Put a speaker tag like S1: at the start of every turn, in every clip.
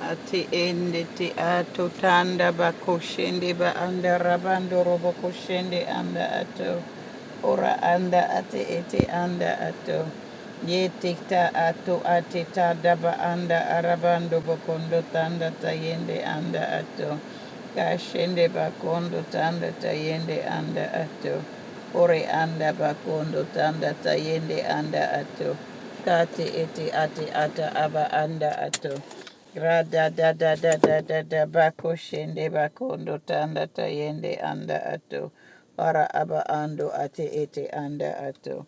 S1: Ati ende ti ato tanda ba koshende ba anda rabando robo koshende anda ato. Ora anda ate ete anda ato. Ye tikta ato ate tada ba anda arabando bokondo tanda tayende anda ato. Kashende bakondo tanda tayende anda ato. Ore anda bakondo tanda tayende anda ato. Kati ete ate ata aba anda ato. Rada da da da da da da bako shende bakondo tanda tayende anda ato. Ara aba ando ate ete anda ato.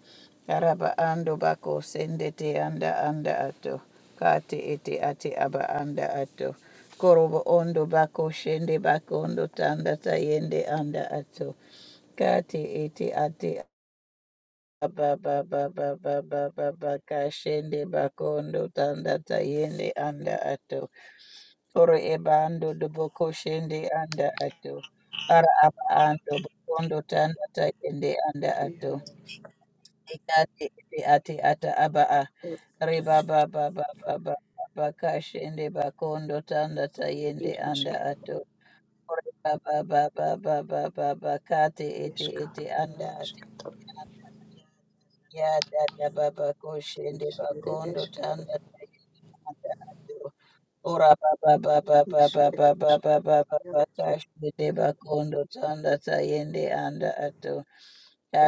S1: Araba ando bako sende te anda anda ato. Kate ete ate aba anda ato. Korobo ondo bako shende bakondo tanda tayende anda ato. Kate ete ate ba ba ba ba ba ba ba ba kashende bakondo tanda tayende anda ato oro eba ando dobo koshende anda ato ara aba ando bakondo tanda tayende anda ato
S2: Eher
S1: ikati iti ati ata aba a
S2: ereshkigal,
S1: riba ba ba ba ba ba ba ba kashende bakondo tanda tayende anda
S2: ereshkigal,
S1: ato ore ba ba ba ba ba ba ba ba iti
S2: eshkar,
S1: iti anda ato
S2: naneshkigal,
S1: Yada daba bako shende
S2: ish
S1: bakondo
S2: ereshkigal,
S1: tanda tayanda ado. Ora baba baba
S2: ish
S1: baba baba baba
S2: ereshkigal,
S1: baba
S2: yaroshk,
S1: kashende bakondo tanda tayende anda ato.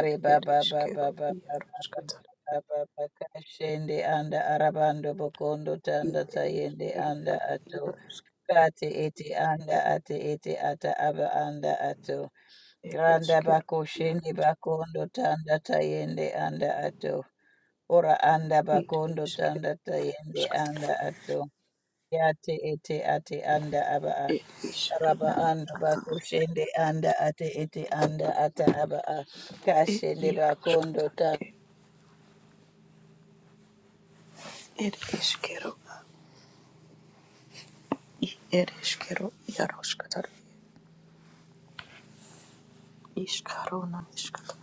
S2: er
S1: baba baba
S2: ereshkigal,
S1: baba
S2: yaroshkigal,
S1: baba baba kashende anda arabando bokondo
S2: i
S1: tanda tayende
S2: ereshkigal,
S1: anda
S2: ad
S1: ato.
S2: yaroshk,
S1: Kati eti anda ati eti ata aba anda ato. Granda
S2: ereshkigal,
S1: bako shende
S2: yaroshk,
S1: bakondo tanda tayende anda ato. Ora anda
S2: it
S1: bakondo
S2: eshkigal,
S1: tanda tayende anda
S2: yaroshkigal,
S1: ato. Yate ete ate anda aba a.
S2: er ishru
S1: Raba
S2: nan,
S1: anda bakushende anda ate ete anda ata aba a.
S2: er
S1: Kashende bakondo
S2: yaroshkigal,
S1: ta.
S2: er ereshkigal, i ereshkigal, yaroshkigal, ishkaru naneshkigal,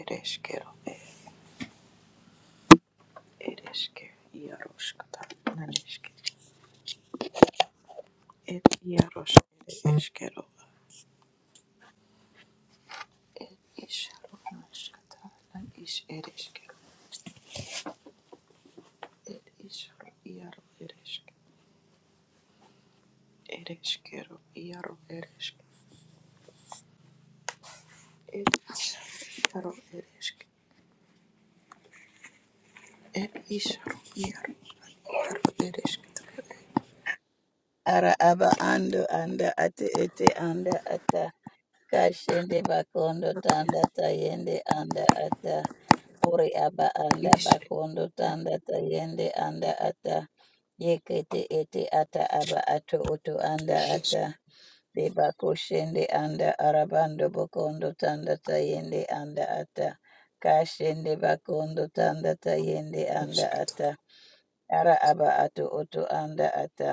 S2: ereshkigal, Ereshke, Yaroshkata, Naneshke, Et Yarosh, Ereshkero, Et Isharo, Naneshkata, Nanish, Ereshke, Et Isharo, Yaro, Ereshke, Ereshkero, Yaro, Ereshke, Et Isharo, Yaro, Ereshke, Et Isharo, Yaro, Yaro, Ereshke,
S1: Ara aba ando anda ate ete anda ata. Kashende bakondo tanda tayende anda ata. Ore aba anda
S2: Ish,
S1: bakondo tanda tayende anda ata yekete ete ata aba ato oto anda
S2: Ereshke,
S1: ata deba koshende anda arabando bokondo tanda tayende anda ata kashende bakondo tanda tayende anda
S2: Ereshke,
S1: ata ara aba ato oto anda ata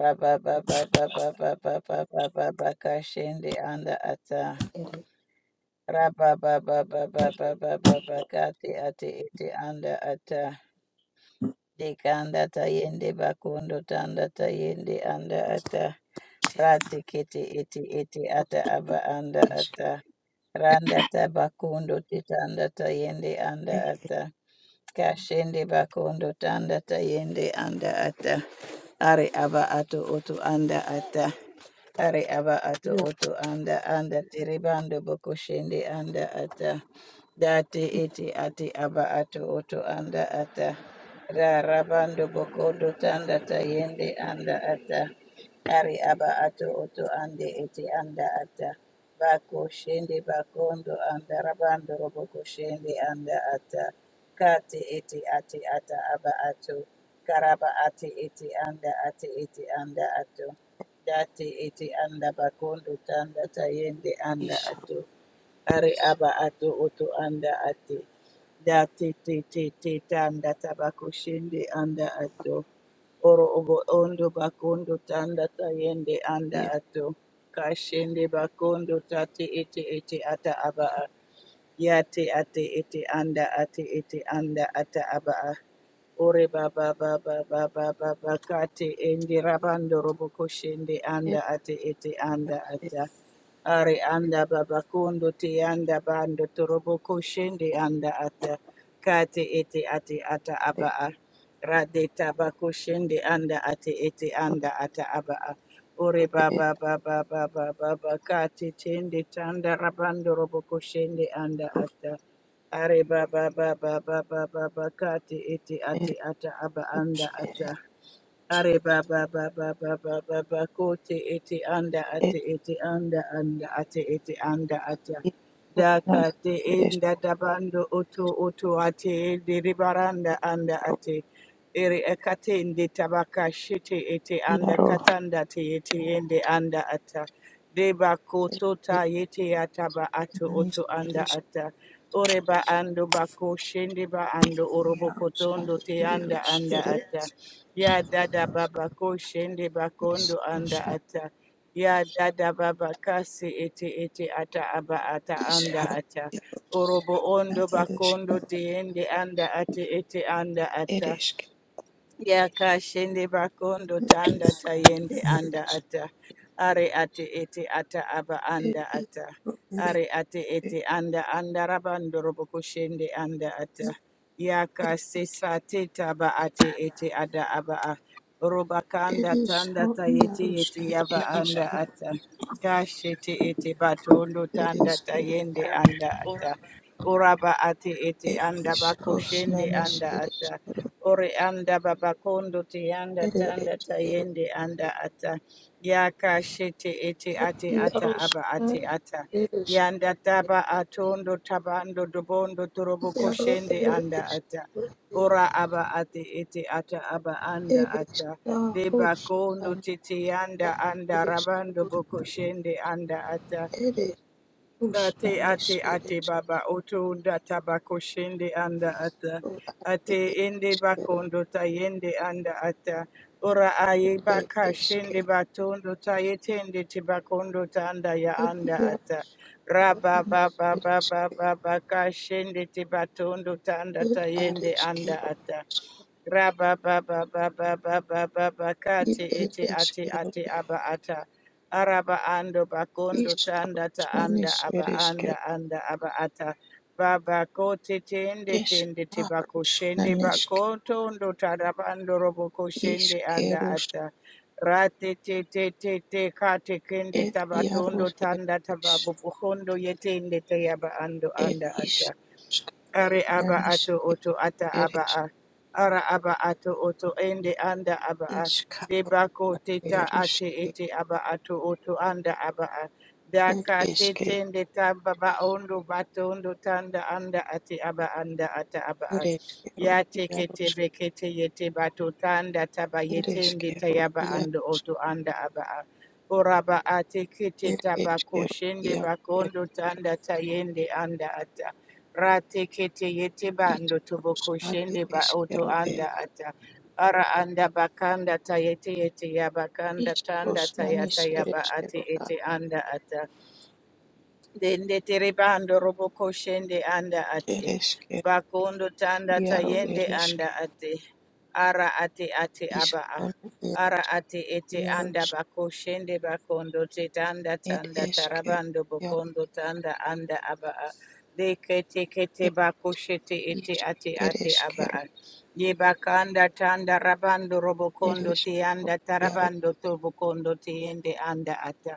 S1: raba ba ba ba ba ba kashende anda ata Raba ba ba ba ba ba ba ba ba kati ati iti anda ata dekanda tayende bakondo tanda tayende anda ata rati kiti iti iti ata aba anda ata Randa tabakundo titanda tayende anda
S2: Et
S1: ata. Kashende bakondo tanda tayende anda ata. Are aba ato oto anda ata. Are aba ato
S2: Yaro,
S1: oto anda anda teribando boko shende anda ata. Date ete ate aba ato oto anda ata. Ra rabando bokondo tanda tayende anda ata. Ari aba ato oto ande ete anda ata. Bakoshende bakondo anda rabando robo koshende anda ata kate eti ate ata aba ato karaba ate ete anda ate ete anda ato date ete anda bakondo tanda tayende anda
S2: Isharo,
S1: ato are aba ato oto anda ati date te te te tanda tabakoshende anda ato Oro obo ondo bakondo tanda tayende anda
S2: Yaro,
S1: ato. Kashende bakondo tate ete ete ata abaa a. yate ate ete anda ate ete anda ata abaa. Ore baba baba baba baba kate endi rabando roboko shende
S2: Et
S1: anda ate ete anda
S2: Et
S1: ata. Are anda baba kondo te anda bando toroboko shende anda ata. Kate ete ate ata
S2: Et
S1: aba
S2: Et
S1: a. Rade tabako shende anda ate ete anda ata aba a. Ore
S2: Et
S1: baba baba baba baba kate tende tanda rabando roboko shende anda ata. Are ba ba ba ba ba ba ba ba kati iti
S2: Et
S1: ati ata aba anda ata.
S2: Et
S1: Are baba baba baba baba kote ete anda
S2: Et
S1: ate ete anda anda ate ete anda ata
S2: Iskunan
S1: daka te
S2: edes
S1: enda tabando oto oto ate ende ribaranda anda
S2: ro
S1: ate ere ekate ende tabaka shete ete anda
S2: iaro
S1: katanda te ete ende anda ata deba koto ta yete ataba ato
S2: edanis
S1: oto anda
S2: edes
S1: ata ore ba ando bako shende ba ando orobo
S2: iaros
S1: kotondo
S2: ade
S1: te anda
S2: iaros
S1: anda ata
S2: edes
S1: Ya dada baba ko shende bakondo
S2: isros
S1: anda ata. Ya dada baba kasi ete ete ata aba ata
S2: is
S1: anda
S2: haro
S1: ata. Orobo
S2: iarona
S1: ondo
S2: edes
S1: bakondo te ende anda ate ete anda ata.
S2: edes
S1: Yakashende bakondo tanda tayende anda
S2: edes
S1: ata. Are ate ete ata aba
S2: ed
S1: anda
S2: is
S1: ata.
S2: ro edes
S1: Are ate ete anda anda rabando roboko shende anda ata. Yaka
S2: ed
S1: sesa te taba ate ete ada aba a. Robakanda
S2: edes
S1: tanda
S2: haro
S1: tayete
S2: iaros
S1: yete
S2: ad
S1: yaba
S2: edes
S1: anda
S2: kero
S1: ata. Kashete ete batondo
S2: edes
S1: tanda
S2: kero
S1: tayende
S2: ad
S1: anda ata. Uraba ate ete
S2: ed
S1: anda
S2: is
S1: bako
S2: ros
S1: shende
S2: nanis
S1: anda
S2: edes
S1: ata.
S2: kero
S1: Ore anda babakondo te anda
S2: ed
S1: tanda
S2: edes kero
S1: tayende anda ata. Yaka shete ete
S2: ed
S1: ate ata
S2: iaros
S1: aba ate
S2: ad
S1: ata.
S2: edes
S1: Yanda taba atondo tabando dobondo torobo
S2: Yaro
S1: koshende
S2: ere
S1: anda ata.
S2: eshkero
S1: Ora aba ate ete ata aba anda
S2: ere
S1: ata. Deba
S2: shahus
S1: kondo
S2: kanara
S1: tete anda anda
S2: ere shkero
S1: rabando boko shende anda ata.
S2: ere shus
S1: Ate
S2: nanish
S1: ate
S2: ere
S1: ate baba otunda tabako shende anda ata
S2: shkero
S1: ate
S2: ere
S1: ende
S2: eshkero
S1: bakondo tayende anda ata ora aye
S2: ere
S1: baka shende
S2: eshkero
S1: batondo tayetende tibakondo tanda ya
S2: ed
S1: anda ata
S2: yarush katara
S1: raba
S2: nanish
S1: baba
S2: ere
S1: baba baba ka shende tibatondo tanda
S2: shkero ed are
S1: tayende anda
S2: shkero
S1: ata raba baba baba baba baba
S2: ed
S1: kate
S2: ere
S1: ete ate
S2: eshkero
S1: ate aba ata araba ando bakondo
S2: ish
S1: tanda
S2: arush
S1: ta anda
S2: nanish
S1: aba
S2: ere
S1: anda
S2: shkero
S1: anda aba ata baba ko te tende
S2: ish
S1: tende te bako
S2: arush
S1: shende
S2: nanish
S1: bako tondo tarabando robo ko shende anda
S2: ishkerush
S1: ata rate te te te te kate kende
S2: ed yarush
S1: tabatondo
S2: ere
S1: tanda
S2: ish
S1: tababu pohondo yetende te yaba ando
S2: ed
S1: anda
S2: ish
S1: ata are aba ato
S2: Nanishke,
S1: oto ata aba
S2: Ereshke,
S1: a. Ara aba ato oto ende anda aba a.
S2: Ishkaro,
S1: Debako teta ate
S2: Aterushke,
S1: ete aba ato oto anda aba a. Daka
S2: Ereshke,
S1: tetende tamba ba ondo batondo tanda anda ate aba anda ata aba a.
S2: Ereshkero,
S1: Ya teke
S2: Yaroshke,
S1: tebe kete yete bato tanda taba yetende
S2: Ereshkero,
S1: tayaba ando
S2: Yaroshke,
S1: oto anda aba a. Oraba ate kete tabako
S2: Ereshkero,
S1: shende
S2: Yaro,
S1: bakondo tanda tayende anda ata Rate kete yete bando ando tobo
S2: Erishkros, Are,
S1: ba oto
S2: Eshkero, E,
S1: anda ata. Ara anda bakanda ta yete yete ya bakanda tanda
S2: Ishkros,
S1: ta yata
S2: Nanish,
S1: ya ba ate
S2: Ereshkero, A,
S1: ete anda ata. Dende terebando roboko shende anda ate.
S2: Ereshkero, E,
S1: Bakondo tanda
S2: Yaro,
S1: tayende
S2: Ereshke,
S1: anda ate. Ara ate ate aba
S2: Ishkano,
S1: Ara
S2: Ereshke,
S1: ate ete anda
S2: Yaroshke,
S1: bako shende bakondo te tanda tanda
S2: Ereshkero,
S1: tarabando
S2: Yaro,
S1: bokondo tanda anda aba a. Deke teke
S2: E,
S1: te kete bakoshete ete
S2: Ish,
S1: ate ate aba
S2: Ereshkero,
S1: Ye bakanda tanda rabando robo kondo te
S2: Ereshkero,
S1: anda tarabando to bokondo te yende anda ata.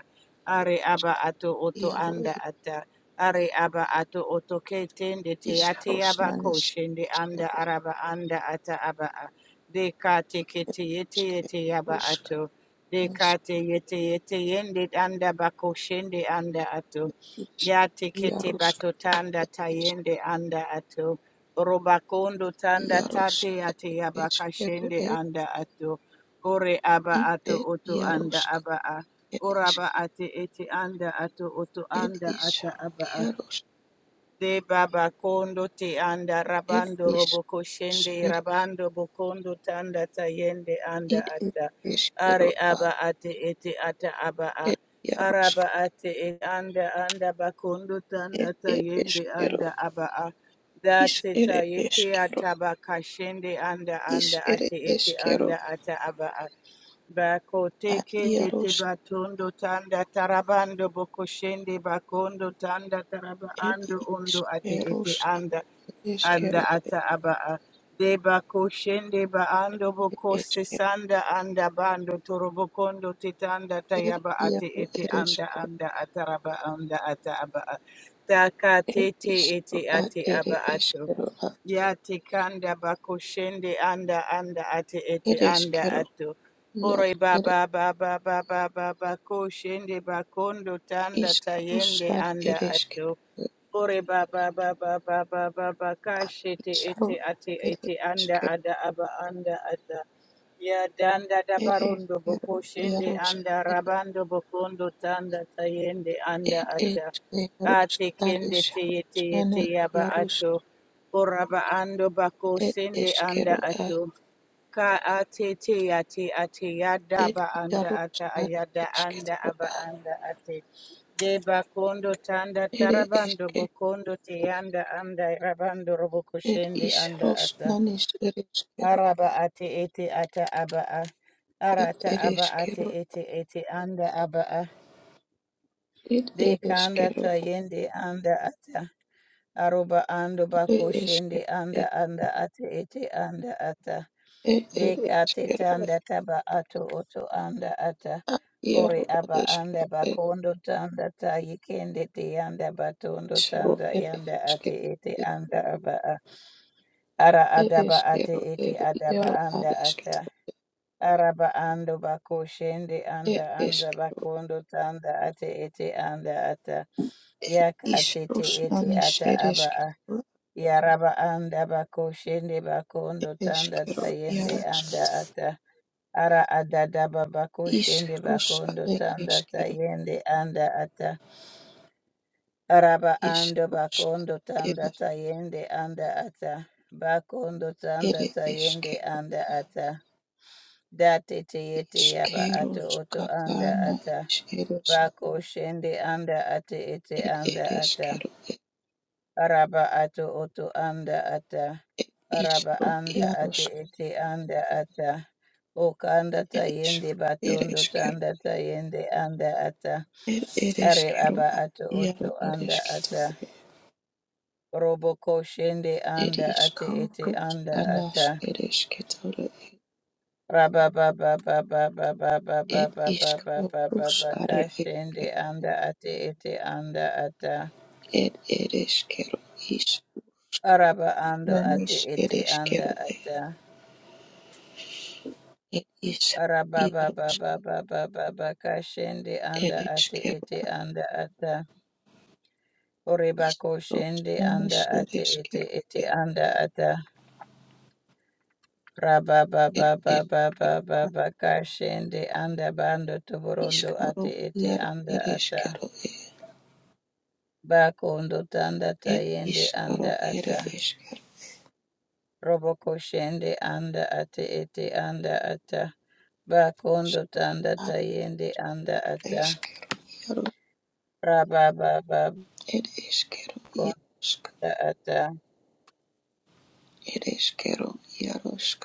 S1: Are aba ato oto
S2: Yaro,
S1: anda ata. Are aba ato oto ke tende te ate aba
S2: Ishkarushnanisha
S1: koshende anda
S2: Yarushka
S1: araba anda ata aba a. De ka te ke te yete yete aba
S2: Yarushka
S1: ato. De
S2: Nisha
S1: ka te yete yete yende anda bakoshende anda ato. Ya te ke te
S2: Yarushka
S1: bato tanda ta yende anda ato. Roba kondo
S2: Yarushka
S1: tanda tate
S2: Yarushka
S1: ate aba ka
S2: Ishkaru Ed
S1: anda ato. Ore aba
S2: I
S1: ato
S2: Ed
S1: oto anda
S2: Yarushka
S1: aba a.
S2: Yarushka
S1: Oraba ate ete anda ato oto
S2: Ed
S1: anda ata
S2: Ishkaru
S1: aba a.
S2: Yarushka
S1: De baba kondo te anda
S2: Ed
S1: rabando roboko
S2: Ishkarush
S1: shende
S2: Ed
S1: rabando bokondo tanda tayende anda
S2: Id Ed
S1: ata. Are
S2: Ishkaru A
S1: aba ate ete ata aba a.
S2: Ed Yarushka
S1: Araba ate e anda anda bakondo
S2: Ed
S1: tanda
S2: Ed
S1: tayende
S2: Ishkaru
S1: anda aba a. Da
S2: Ish Ed
S1: tayete
S2: Ishkaru
S1: ata baka shende anda anda
S2: Ish Ed
S1: ate ete
S2: Ishkaru
S1: anda ata aba a. Bako
S2: A
S1: tekende te
S2: Yarushka
S1: batondo tanda tarabando bokoshende bakondo tanda taraba
S2: Ed
S1: ando ondo ate ete
S2: Ishkarushka
S1: anda anda ata aba a. de bakoshende ba ando bokose
S2: Ishkaru
S1: sanda anda bando torobokondo te tanda
S2: ir
S1: tayaba ate
S2: iaro
S1: ete anda
S2: ereskero,
S1: anda ataraba anda ata aba a. taka
S2: ir
S1: tete
S2: iskero
S1: ete
S2: ad
S1: ate
S2: ere
S1: aba ato
S2: eskero ad
S1: Yati kanda bakushende anda anda ate ete anda
S2: ereskero,
S1: ato. Ore
S2: iaro ere
S1: baba baba baba baba kushende bakondo tanda
S2: iskaro
S1: tayende
S2: sar
S1: anda ato.
S2: ereskero, ir
S1: Ore baba baba baba baba kashete
S2: iskaro
S1: ete ate
S2: ere
S1: ete anda
S2: eskero,
S1: ada aba anda ada. Ya danda da barondo
S2: ereskero,
S1: bokushende
S2: iaro
S1: anda
S2: skar,
S1: rabando bokondo tanda tayende anda
S2: ir
S1: ata.
S2: eskero
S1: Ate
S2: skar
S1: kende te
S2: iskaro
S1: yete
S2: skane
S1: yete yaba
S2: iaro sk-
S1: ato. Oraba ando bako
S2: ir
S1: sende
S2: eskero
S1: anda
S2: ad,
S1: ato. Ka ate te ate ate yada
S2: ir
S1: ba anda
S2: iaro
S1: ata
S2: skar
S1: ayada anda
S2: eskero
S1: aba
S2: ad,
S1: anda ate. De bakondo tanda
S2: ere
S1: tarabando
S2: eske,
S1: bokondo te anda anda rabando roboko
S2: ir
S1: shende anda
S2: iskaro
S1: ata.
S2: snanis ereskero,
S1: Araba ate ete ata aba a.
S2: ir
S1: Arata aba ate
S2: ereskero,
S1: ete ete anda aba a.
S2: It
S1: De kanda
S2: eres
S1: ta yende anda ata aroba ando bako
S2: It is it
S1: shende anda anda ate ete anda ata
S2: it it
S1: deka
S2: is
S1: teta anda taba ato oto anda ata
S2: at
S1: ore
S2: Yaro at
S1: aba anda
S2: Eskero at
S1: bakondo tanda ta yikende te yanda batondo
S2: Isro
S1: tanda
S2: at
S1: yanda ate
S2: Eskero
S1: ete
S2: it
S1: anda aba a. ara
S2: it
S1: adaba
S2: is it
S1: ate ete adaba
S2: Yaro at
S1: anda
S2: Eskero
S1: ata araba ando bako shende
S2: it
S1: anda anda
S2: Eskero
S1: bakondo tanda ate ete anda ata
S2: it
S1: Yaka tete
S2: Isros
S1: ete
S2: Nanis
S1: ata
S2: it
S1: aba
S2: Eskero
S1: Yaraba anda bako shende
S2: it
S1: bakondo tanda
S2: Eskero
S1: tayende
S2: Yaro
S1: anda ata. Ara adada bako shende
S2: Isros
S1: bakondo
S2: at
S1: tanda
S2: Eskero
S1: tayende anda ata. Araba ando
S2: Isros at
S1: bakondo tanda tayende anda ata. Bakondo
S2: it
S1: tanda
S2: Eskero it
S1: tayende
S2: Eskero
S1: anda ata. Date teyete yaba ato
S2: Iskeros
S1: oto anda
S2: Katana
S1: ata.
S2: is it Eskero
S1: Bako shende anda ate ete
S2: it it
S1: anda ata. Araba ato oto anda ata araba
S2: Eskero it
S1: anda ate
S2: Ishro
S1: ete anda ata oka anda tayende
S2: Ereshkigal,
S1: batondo
S2: Ereshkigal,
S1: tanda tayende anda ata are aba
S2: Ereshkigal,
S1: ato
S2: Yaro,
S1: oto anda
S2: Ereshkigal,
S1: ata roboko ko shende anda ate
S2: Ereshkigal,
S1: ete
S2: Rus,
S1: anda
S2: Anash,
S1: ata
S2: Ereshkigal,
S1: raba ba ba ba ba ba ba ba
S2: Ereshkigal, Rus, Are,
S1: ka shende
S2: Ereshkigal,
S1: anda ate ete anda ata
S2: Er, Ereshkigal, Ish,
S1: araba ando ate
S2: Nanish,
S1: ete anda
S2: Ereshkigal,
S1: ata
S2: Er, Ish, Yarush,
S1: Rabababababababakashende anda ate
S2: Ereshkigal,
S1: ete anda ata.
S2: Ish,
S1: Oribako
S2: Rus,
S1: shende
S2: Nanish,
S1: anda ate
S2: Ereshkigal, Er,
S1: ete
S2: Ereshkigal,
S1: ete anda ata. Rabababababababakashende anda bando toborondo
S2: Ishkaro,
S1: ate ete
S2: Yaro,
S1: anda ata.
S2: Ereshkigal,
S1: Bakondo tanda
S2: Er,
S1: tayende
S2: Ishkaro,
S1: anda ata.
S2: Ereshkigal,
S1: Roboko shende anda ate ete anda ata. Bakondo tanda tayende anda ata.
S2: Eskero iaro
S1: Rabababababakashende
S2: ed eskero iarosk
S1: anda ata.
S2: ed eskero iarosk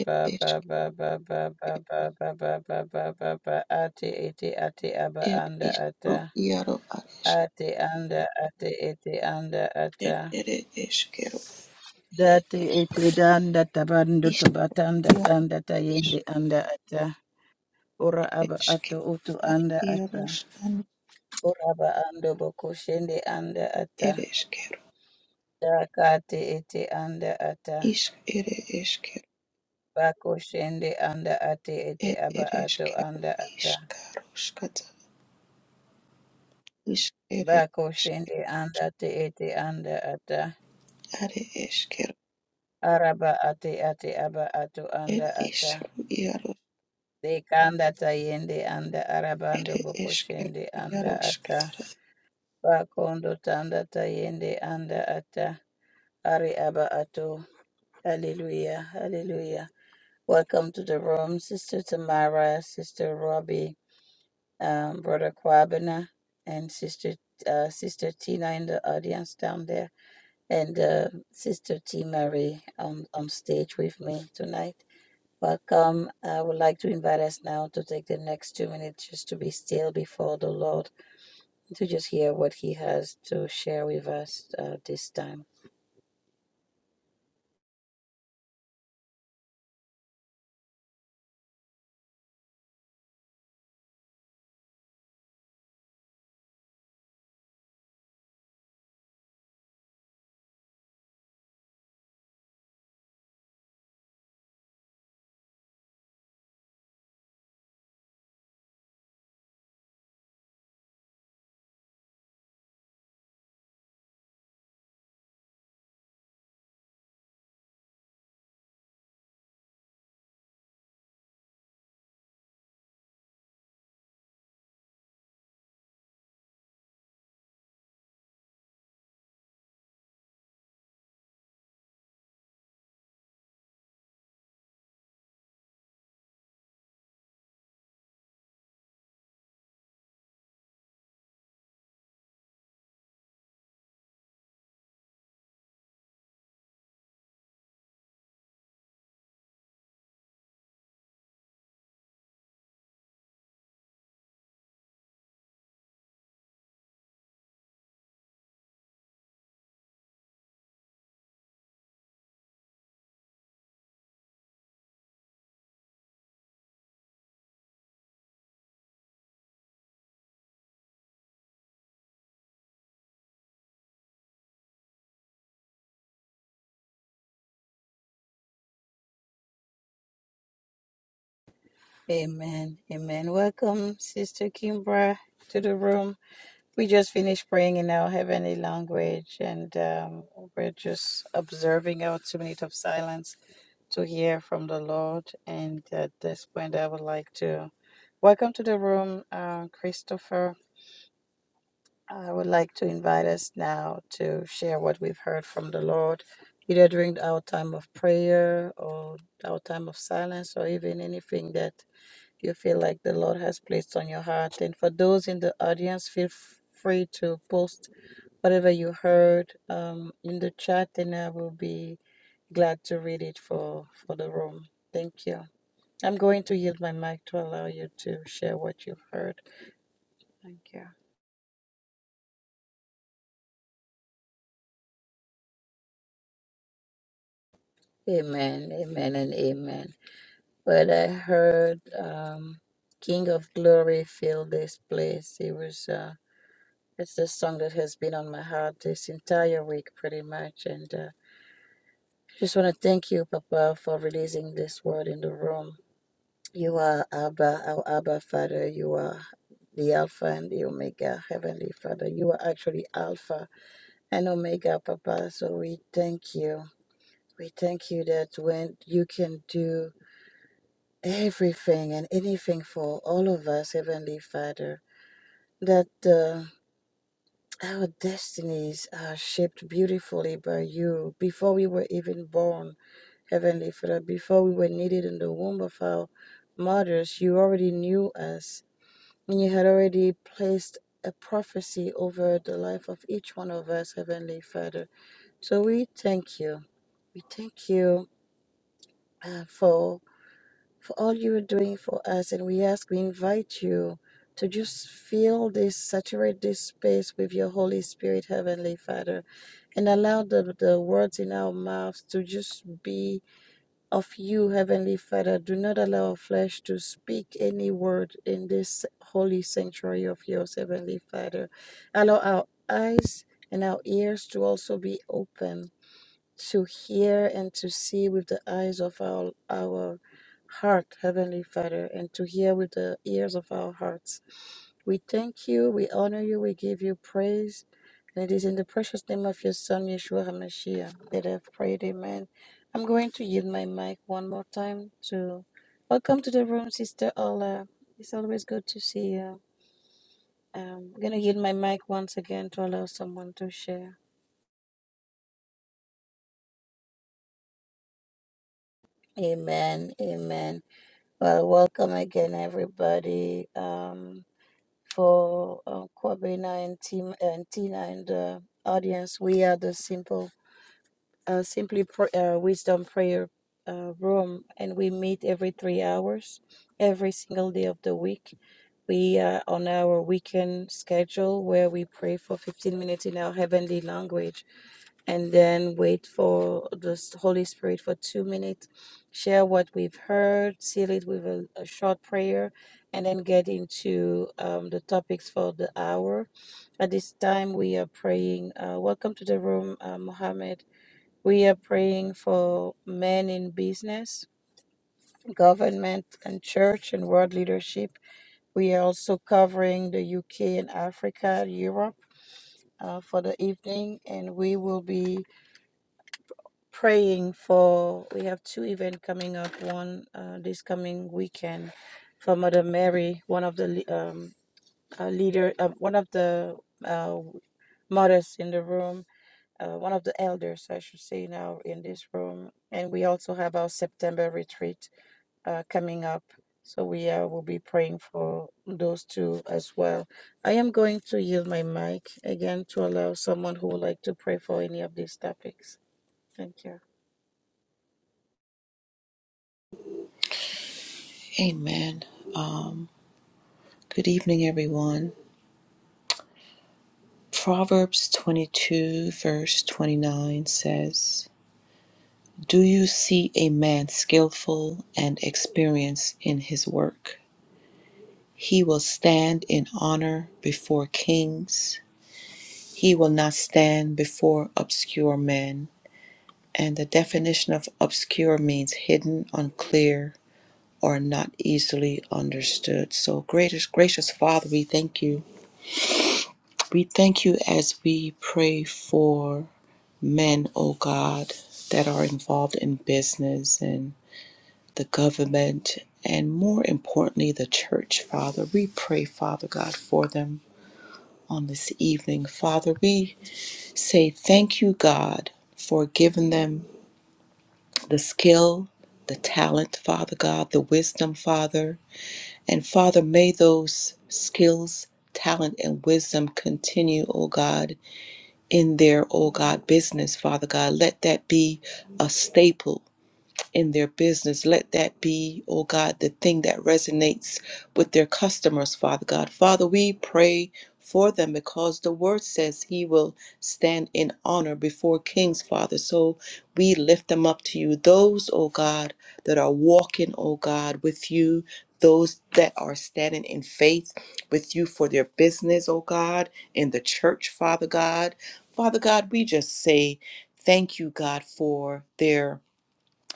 S2: ed esk
S1: Ate ete ate aba
S2: ed
S1: anda
S2: iskro
S1: ata.
S2: iaro ares
S1: Ate anda ate ete anda ata.
S2: ed ere
S1: Date ete danda tabando tabatanda
S2: iaros
S1: tanda tayende anda ata. Ora
S2: ed
S1: aba ato utu anda ata.
S2: iaros nan
S1: Ora aba ando bokoshende anda ata.
S2: ed ish
S1: Dakate ete anda ata.
S2: isk ere eskero
S1: Bako shende anda ate ete
S2: ed
S1: aba
S2: ere
S1: ato
S2: eskero
S1: anda ata.
S2: iskaroskata isk ere
S1: Bako
S2: eskero
S1: shende anda te ete anda ata.
S2: are
S1: Araba ate ate aba ato anda ata.
S2: iaros
S1: Dekanda tayende anda arabando
S2: ere
S1: boko shende anda
S2: iaroskata
S1: ata. Bakondo tanda tayende anda ata. Ari aba ato. Hallelujah. Hallelujah. Welcome to the room, Sister Tamara, Sister Robbie, um, Brother Kwabena, and Sister uh, Sister Tina in the audience down there. and uh, Sister T. Mary on, on stage with me tonight. Welcome. I would like to invite us now to take the next two minutes just to be still before the Lord, to just hear what He has to share with us uh, this time. Amen. Amen. Welcome, Sister Kimbra, to the room. We just finished praying in our heavenly language, and um, we're just observing our two minutes of silence to hear from the Lord. And at this point, I would like to welcome to the room, uh, Christopher. I would like to invite us now to share what we've heard from the Lord, either during our time of prayer or our time of silence, or even anything that you feel like the Lord has placed on your heart. And for those in the audience, feel f- free to post Whatever you heard um, in the chat, and I will be glad to read it for, for the room. Thank you. I'm going to yield my mic to allow you to share what you heard. Thank you. Amen, amen, and amen. Well, I heard um, King of Glory fill this place. It was uh, it's the song that has been on my heart this entire week, pretty much. And uh, just want to thank you, Papa, for releasing this word in the room. You are Abba, our Abba Father. You are the Alpha and the Omega, Heavenly Father. You are actually Alpha and Omega, Papa. So we thank you. We thank you that when you can do everything and anything for all of us, Heavenly Father, that uh, our destinies are shaped beautifully by you before we were even born, Heavenly Father. Before we were needed in the womb of our mothers, you already knew us And you had already placed a prophecy over the life of each one of us, Heavenly Father. So we thank you. We thank you uh, for for all you are doing for us, and we ask, we invite you to just fill this, saturate this space with your Holy Spirit, Heavenly Father, and allow the, the words in our mouths to just be of you, Heavenly Father. Do not allow flesh to speak any word in this holy sanctuary of yours, Heavenly Father. Allow our eyes and our ears to also be open to hear and to see with the eyes of our, our heart, Heavenly Father, and to hear with the ears of our hearts. We thank you, we honor you, we give you praise. And it is in the precious name of your Son, Yeshua HaMashiach, that I've prayed, Amen. I'm going to yield my mic one more time to welcome to the room, Sister Ola. It's always good to see you. Um, I'm going to yield my mic once again to allow someone to share. Amen. Amen. Well, welcome again, everybody, um, for uh, Kwabena and, Tim, and Tina and the audience. We are the simple, uh, simply pr- uh, wisdom prayer uh, room, and we meet every three hours, every single day of the week. We are on our weekend schedule where we pray for 15 minutes in our heavenly language and then wait for the s- Holy Spirit for two minutes, share what we've heard, seal it with a, a short prayer, and then get into um, the topics for the hour. At this time, we are praying. Uh, welcome to the room, uh, Mohammed. We are praying for men in business, government, and church and world leadership. We are also covering the UK and Africa, Europe uh, for the evening, and we will be praying for we have two events coming up one uh, this coming weekend for mother mary one of the um, uh, leader uh, one of the uh, mothers in the room uh, one of the elders i should say now in this room and we also have our september retreat uh, coming up so we uh, will be praying for those two as well i am going to yield my mic again to allow someone who would like to pray for any of these topics thank you
S2: Amen. Um, good evening, everyone. Proverbs 22, verse 29 says, Do you see a man skillful and experienced in his work? He will stand in honor before kings, he will not stand before obscure men. And the definition of obscure means hidden, unclear, or not easily understood. So, gracious, gracious Father, we thank you. We thank you as we pray for men, O God, that are involved in business and the government, and more importantly, the church, Father. We pray, Father God, for them on this evening. Father, we say thank you, God, for giving them the skill, the talent, Father God, the wisdom, Father. And Father, may those skills, talent, and wisdom continue, O God in their, oh God, business, Father God. Let that be a staple in their business. Let that be, oh God, the thing that resonates with their customers, Father God. Father, we pray for them because the word says he will stand in honor before kings, Father. So we lift them up to you. Those, oh God, that are walking, oh God, with you. Those that are standing in faith with you for their business, oh God, in the church, Father God. Father God, we just say thank you, God, for their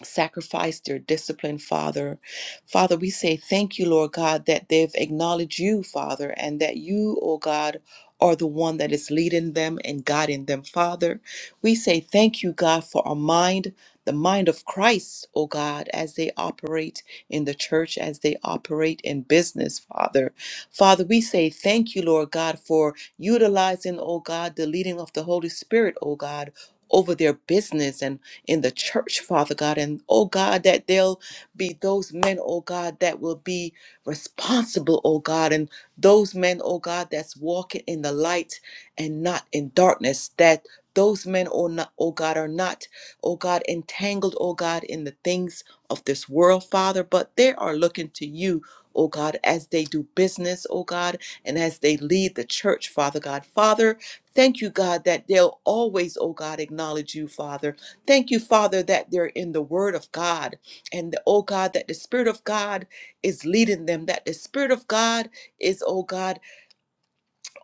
S2: sacrifice their discipline, Father. Father, we say thank you, Lord God, that they've acknowledged you, Father, and that you, oh God, are the one that is leading them and guiding them, Father. We say thank you, God, for our mind, the mind of Christ, oh God, as they operate in the church, as they operate in business, Father. Father, we say thank you, Lord God, for utilizing, oh God, the leading of the Holy Spirit, oh God. Over their business and in the church, Father God. And oh God, that they'll be those men, oh God, that will be responsible, oh God, and those men, oh God, that's walking in the light and not in darkness, that. Those men, oh, not, oh God, are not, oh God, entangled, oh God, in the things of this world, Father, but they are looking to you, oh God, as they do business, oh God, and as they lead the church, Father God. Father, thank you, God, that they'll always, oh God, acknowledge you, Father. Thank you, Father, that they're in the Word of God, and oh God, that the Spirit of God is leading them, that the Spirit of God is, oh God,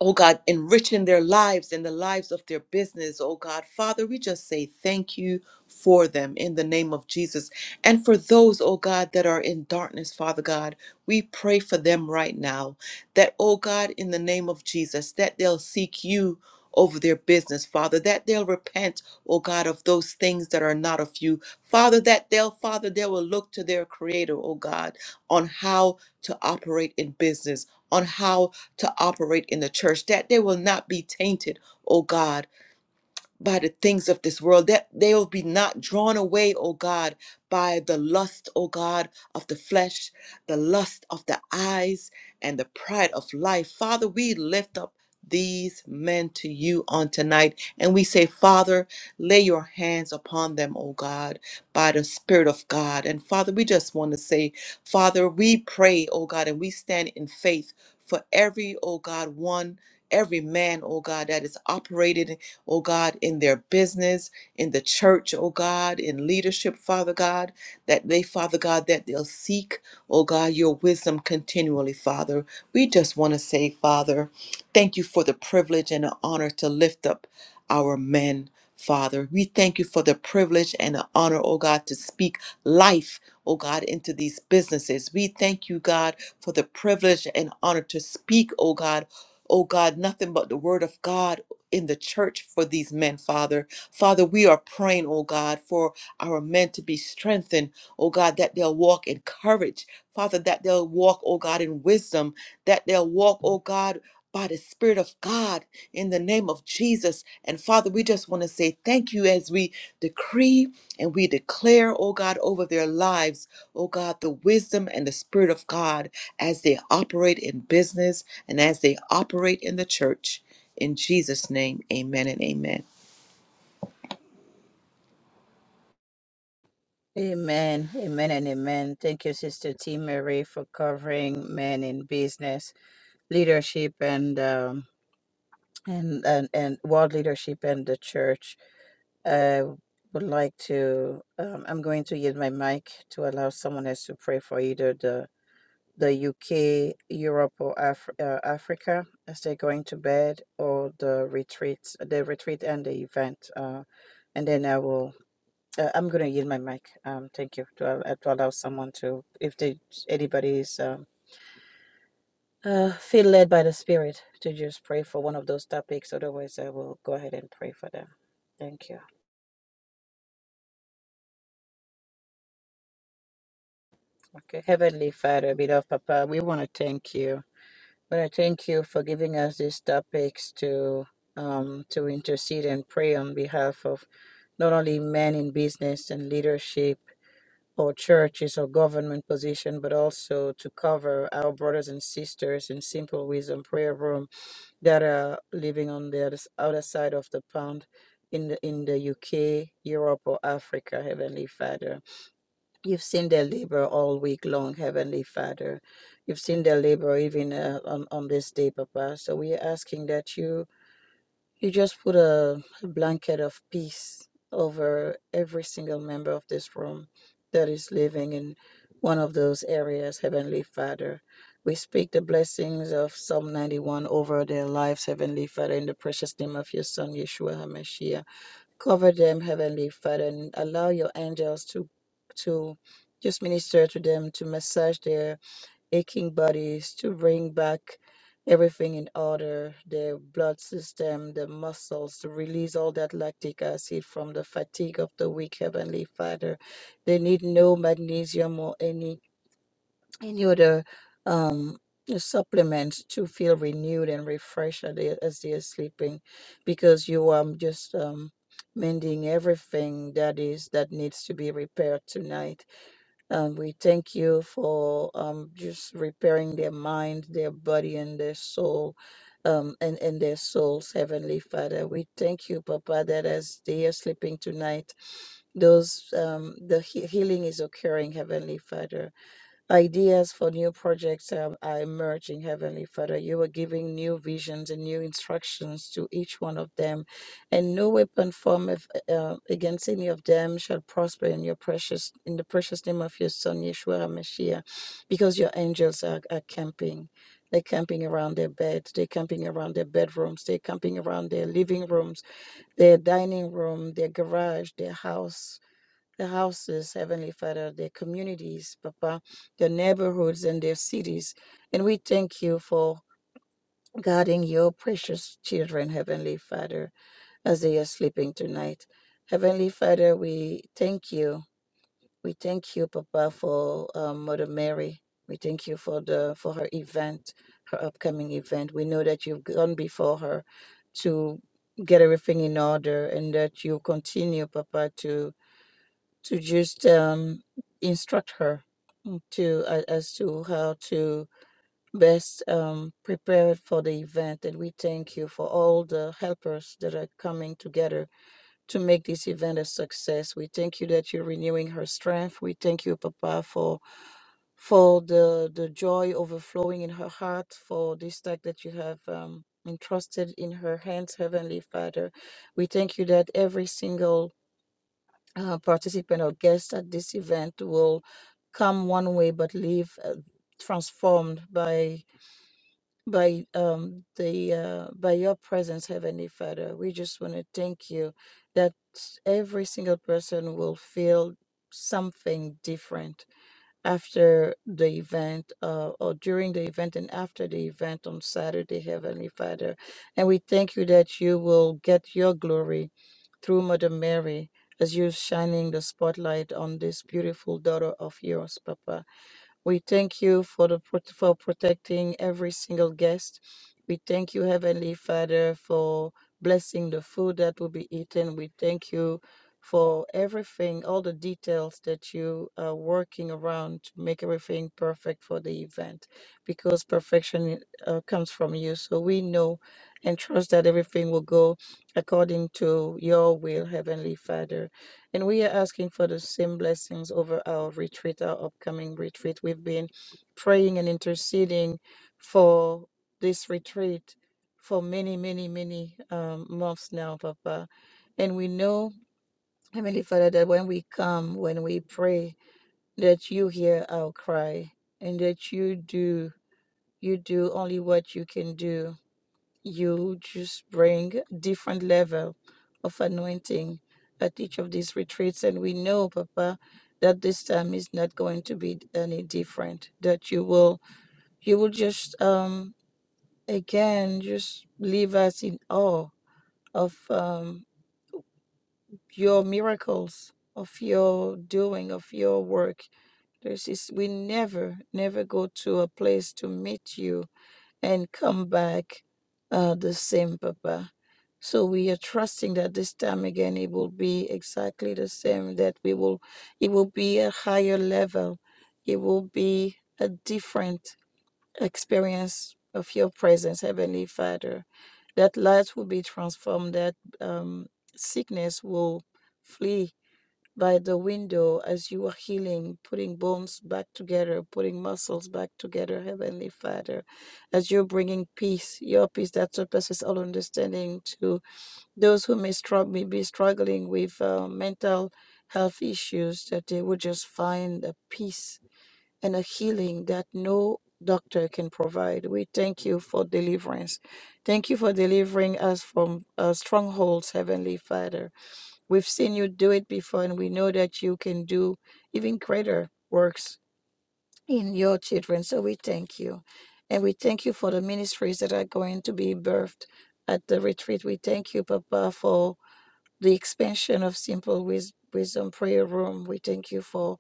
S2: oh God, enriching their lives and the lives of their business, oh God. Father, we just say thank you for them in the name of Jesus. And for those, oh God, that are in darkness, Father God, we pray for them right now that, oh God, in the name of Jesus, that they'll seek you. Over their business, Father, that they'll repent, oh God, of those things that are not of you. Father, that they'll, Father, they will look to their Creator, oh God, on how to operate in business, on how to operate in the church, that they will not be tainted, O God, by the things of this world, that they will be not drawn away, O God, by the lust, O God, of the flesh, the lust of the eyes, and the pride of life. Father, we lift up these men to you on tonight. And we say, Father, lay your hands upon them, O God, by the Spirit of God. And Father, we just want to say, Father, we pray, O God, and we stand in faith for every, O God, one. Every man, O God, that is operated, O God, in their business, in the church, O God, in leadership, Father God, that they, Father God, that they'll seek, O God, your wisdom continually, Father. We just want to say, Father, Thank you for the privilege and the honor to lift up our men, Father. We thank you for the privilege and the honor, oh God, to speak life, oh God, into these businesses. We thank you, God, for the privilege and honor to speak, oh God, oh God, nothing but the word of God. In the church for these men, Father. Father, we are praying, oh God, for our men to be strengthened, oh God, that they'll walk in courage, Father, that they'll walk, oh God, in wisdom, that they'll walk, oh God, by the Spirit of God in the name of Jesus. And Father, we just want to say thank you as we decree and we declare, oh God, over their lives, oh God, the wisdom and the Spirit of God as they operate in business and as they operate in the church. In Jesus' name, amen and amen.
S1: Amen. Amen and amen. Thank you, Sister T. Marie, for covering men in business, leadership, and um, and, and and world leadership and the church. I would like to. Um, I'm going to use my mic to allow someone else to pray for either the the UK, Europe, or Af- uh, Africa as they're going to bed, or the retreats, the retreat and the event. Uh, and then I will. Uh, I'm going to yield my mic. Um, thank you to, uh, uh, to allow someone to, if they, anybody is um, uh, feel led by the Spirit to just pray for one of those topics. Otherwise, I will go ahead and pray for them. Thank you. Okay. Heavenly Father, beloved Papa, we want to thank you. We want to thank you for giving us these topics to um, to intercede and pray on behalf of not only men in business and leadership or churches or government position, but also to cover our brothers and sisters in Simple Wisdom Prayer Room that are living on the other s- other side of the pond in the, in the UK, Europe, or Africa, Heavenly Father. You've seen their labor all week long, Heavenly Father. You've seen their labor even uh, on, on this day, Papa. So we are asking that you you just put a, a blanket of peace over every single member of this room that is living in one of those areas, Heavenly Father. We speak the blessings of Psalm 91 over their lives, Heavenly Father, in the precious name of your Son, Yeshua HaMashiach. Cover them, Heavenly Father, and allow your angels to, to just minister to them, to massage their aching bodies to bring back everything in order, the blood system, the muscles, to release all that lactic acid from the fatigue of the weak Heavenly Father. They need no magnesium or any any other um supplements to feel renewed and refreshed as they, as they are sleeping because you are just um mending everything that is that needs to be repaired tonight and we thank you for um, just repairing their mind, their body, and their soul, um, and, and their souls, Heavenly Father. We thank you, Papa, that as they are sleeping tonight, those um, the he- healing is occurring, Heavenly Father. Ideas for new projects um, are emerging, Heavenly Father. You are giving new visions and new instructions to each one of them, and no weapon formed if, uh, uh, against any of them shall prosper in your precious, in the precious name of your Son Yeshua Hamashiach, because your angels are, are camping. They're camping around their beds. They're camping around their bedrooms. They're camping around their living rooms, their dining room, their garage, their house the houses, Heavenly Father, their communities, Papa, their neighborhoods and their cities. And we thank you for guarding your precious children, Heavenly Father, as they are sleeping tonight. Heavenly Father, we thank you. We thank you, Papa, for um, Mother Mary. We thank you for the for her event, her upcoming event. We know that you've gone before her to get everything in order, and that you continue, Papa, to to just um, instruct her to uh, as to how to best um, prepare for the event. And we thank you for all the helpers that are coming together to make this event a success. We thank you that you're renewing her strength. We thank you, Papa, for for the the joy overflowing in her heart for this task that you have. Um, Entrusted in her hands, Heavenly Father. We thank you that every single uh, participant or guest at this event will come one way but leave uh, transformed by by um the uh, by your presence heavenly father we just want to thank you that every single person will feel something different after the event uh, or during the event and after the event on Saturday, Heavenly Father. And we thank you that you will get your glory through Mother Mary as you're shining the spotlight on this beautiful daughter of yours, Papa. We thank you for the prot- for protecting every single guest. We thank you, Heavenly Father, for blessing the food that will be eaten. We thank you for everything, all the details that you are working around to make everything perfect for the event, because perfection uh, comes from you. So we know and trust that everything will go according to your will, Heavenly Father. And we are asking for the same blessings over our retreat, our upcoming retreat. We've been praying and interceding for this retreat for many, many, many um, months now, Papa. And we know, Heavenly Father, that when we come, when we pray, that you hear our cry and that you do, you do only what you can do you just bring different level of anointing at each of these retreats and we know papa that this time is not going to be any different that you will you will just um again just leave us in awe of um your miracles of your doing of your work There's this we never never go to a place to meet you and come back uh, the same, Papa. So we are trusting that this time again it will be exactly the same, that we will it will be a higher level. It will be a different experience of your presence, Heavenly Father. That light will be transformed, that um, sickness will flee by the window as you are healing, putting bones back together, putting muscles back together, Heavenly Father, as you're bringing peace, your peace that surpasses all understanding to those who may, struggle, may be struggling with uh, mental health issues, that they would just find a peace and a healing that no doctor can provide. We thank you for deliverance. Thank you for delivering us from uh, strongholds, Heavenly Father. We've seen you do it before, and we know that you can do even greater works in your children. So we thank you. And we thank you for the ministries that are going to be birthed at the retreat. We thank you, Papa, for the expansion of Simple Wis- Wisdom Prayer Room. We thank you for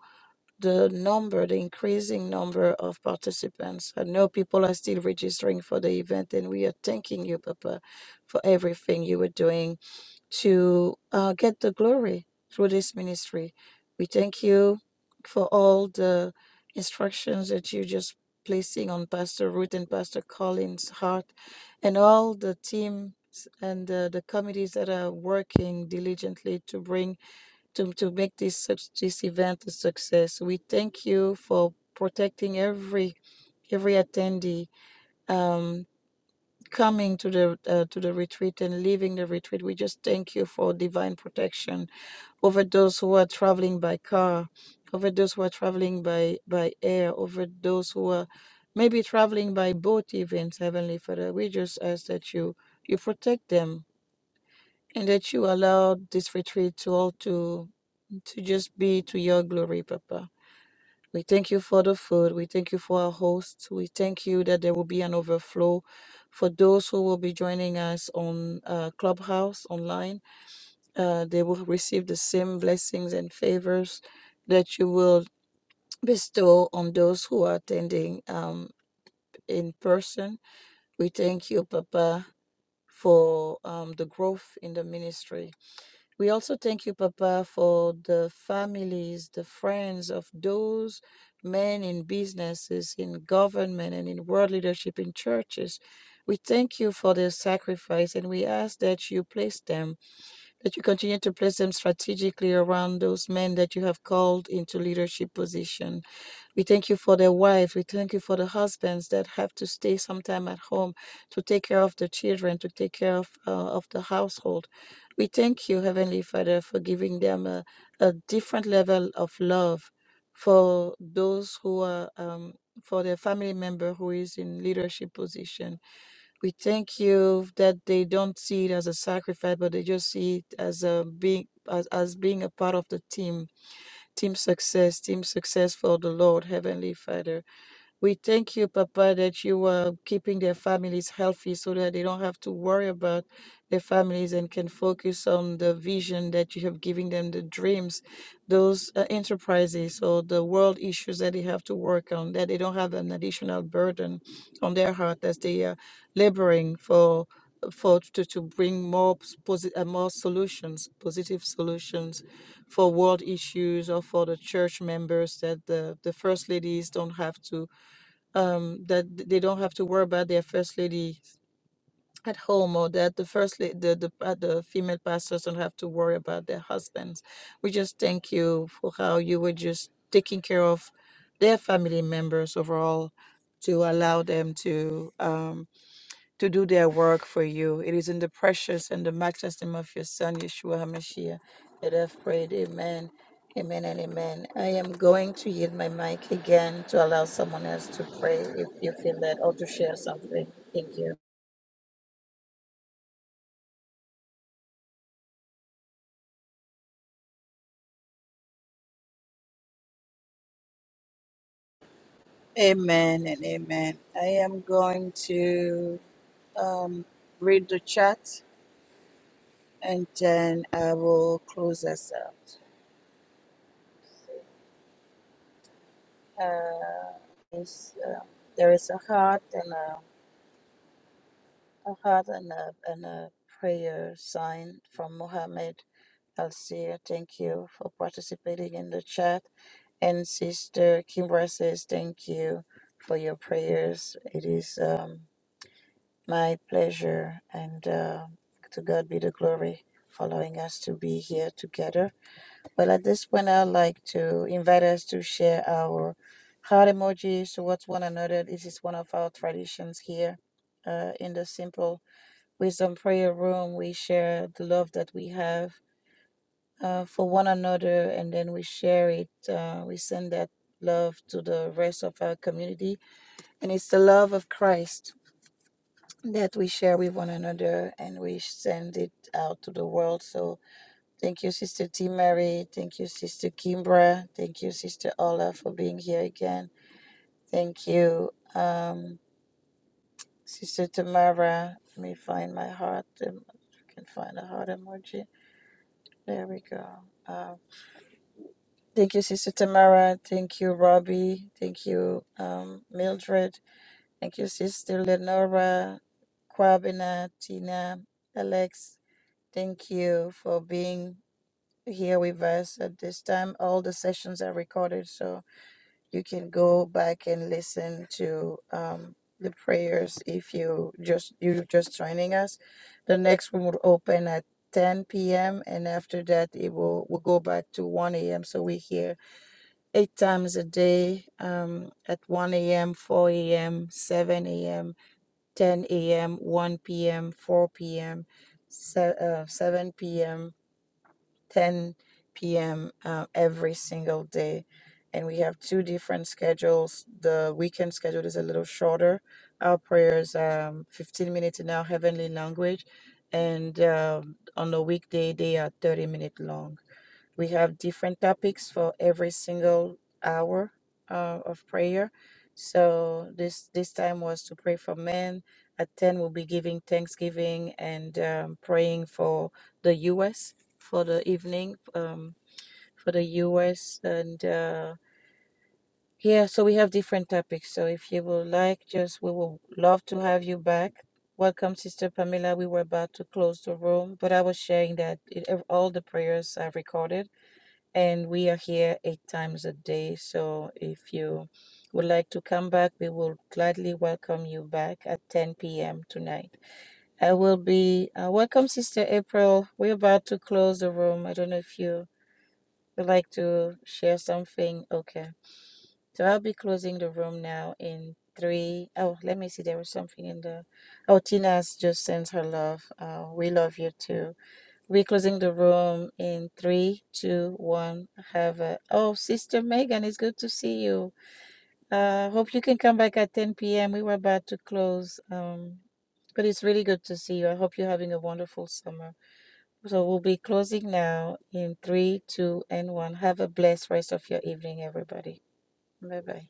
S1: the number, the increasing number of participants. I know people are still registering for the event, and we are thanking you, Papa, for everything you were doing to uh, get the glory through this ministry. We thank you for all the instructions that you just placing on Pastor Ruth and Pastor Collins' heart, and all the teams and uh, the committees that are working diligently to bring to, to make this such this event a success. We thank you for protecting every every attendee. Um coming to the uh, to the retreat and leaving the retreat. We just thank you for divine protection over those who are traveling by car, over those who are traveling by by air, over those who are maybe traveling by boat even, Heavenly Father. We just ask that you you protect them and that you allow this retreat to all to to just be to your glory, Papa. We thank you for the food. We thank you for our hosts. We thank you that there will be an overflow for those who will be joining us on uh, Clubhouse online. Uh, they will receive the same blessings and favors that you will bestow on those who are attending um, in person. We thank you, Papa, for um, the growth in the ministry. We also thank you, Papa, for the families, the friends of those men in businesses, in government, and in world leadership in churches. We thank you for their sacrifice and we ask that you place them, that you continue to place them strategically around those men that you have called into leadership position. We thank you for the wives. We thank you for the husbands that have to stay sometime at home to take care of the children, to take care of, uh, of the household. We thank you, Heavenly Father, for giving them a, a different level of love for those who are, um, for their family member who is in leadership position. We thank you that they don't see it as a sacrifice, but they just see it as a being as, as being a part of the team Team success, team success for the Lord, Heavenly Father. We thank you, Papa, that you are keeping their families healthy so that they don't have to worry about their families and can focus on the vision that you have given them, the dreams, those uh, enterprises or the world issues that they have to work on, that they don't have an additional burden on their heart as they are laboring for for to, to bring more posi- uh, more solutions, positive solutions for world issues or for the church members that the, the first ladies don't have to um, that th- they don't have to worry about their first lady at home or that the first la- the the, uh, the female pastors don't have to worry about their husbands. We just thank you for how you were just taking care of their family members overall to allow them to um, to do their work for you. It is in the precious and the matchless name of your Son, Yeshua HaMashiach, that I've prayed. Amen. Amen and amen. I am going to yield my mic again to allow someone else to pray if you feel that or to share something. Thank you. Amen and amen. I am going to um, read the chat and then I will close us out. Uh, it's, uh, there is a heart and a I had an, uh, an, uh, prayer sign from Mohammed Al Seer. Thank you for participating in the chat. And Sister Kimbra says, Thank you for your prayers. It is um, my pleasure and uh, to God be the glory for allowing us to be here together. But at this point, I'd like to invite us to share our heart emojis towards one another. This is one of our traditions here uh, in the Simple. Wisdom Prayer Room, we share the love that we have uh, for one another and then we share it. Uh, we send that love to the rest of our community. And it's the love of Christ that we share with one another and we send it out to the world. So thank you, Sister T. Mary. Thank you, Sister Kimbra. Thank you, Sister Ola, for being here again. Thank you, um, Sister Tamara. Let me find my heart. um, I can find a heart emoji. There we go. Uh, thank you, Sister Tamara. Thank you, Robbie. Thank you, um, Mildred. Thank you, Sister Lenora, Kwabena, Tina, Alex. Thank you for being here with us at this time. All the sessions are recorded, so you can go back and listen to um, the prayers if you just you're just joining us. The next one will open at 10 p.m. and after that it will will go back to 1 a.m. So we're here eight times a day um, at 1 a.m., 4 a.m., 7 a.m., 10 a.m., 1 p.m., 4 p.m., se- uh, 7 p.m. 10 p.m. Uh, every single day. And we have two different schedules. The weekend schedule is a little shorter. Our prayers um, 15 minutes in our heavenly language. And um on the weekday, they are 30 minutes long. We have different topics for every single hour uh, of prayer. So this this time was to pray for men. At ten, we'll be giving thanksgiving and um, praying for the U.S. for the evening um, for the U.S. and uh, yeah. So we have different topics. So if you would like, just we will love to have you back. Welcome, Sister Pamela. We were about to close the room, but I was sharing that it, all the prayers are recorded and we are here eight times a day. So if you would like to come back, we will gladly welcome you back at 10 p.m. tonight. I will be uh, welcome, Sister April. We're about to close the room. I don't know if you would like to share something. Okay, so I'll be closing the room now in three. Oh, let me see. There was something in the. Oh, Tina's just sends her love. Uh, we love you too. We're closing the room in three, two, one. Have a oh, Sister Megan, it's good to see you. Uh, hope you can come back at 10 p.m. We were about to close, um, but it's really good to see you. I hope you're having a wonderful summer. So we'll be closing now in three, two, and one. Have a blessed rest of your evening, everybody. Bye bye.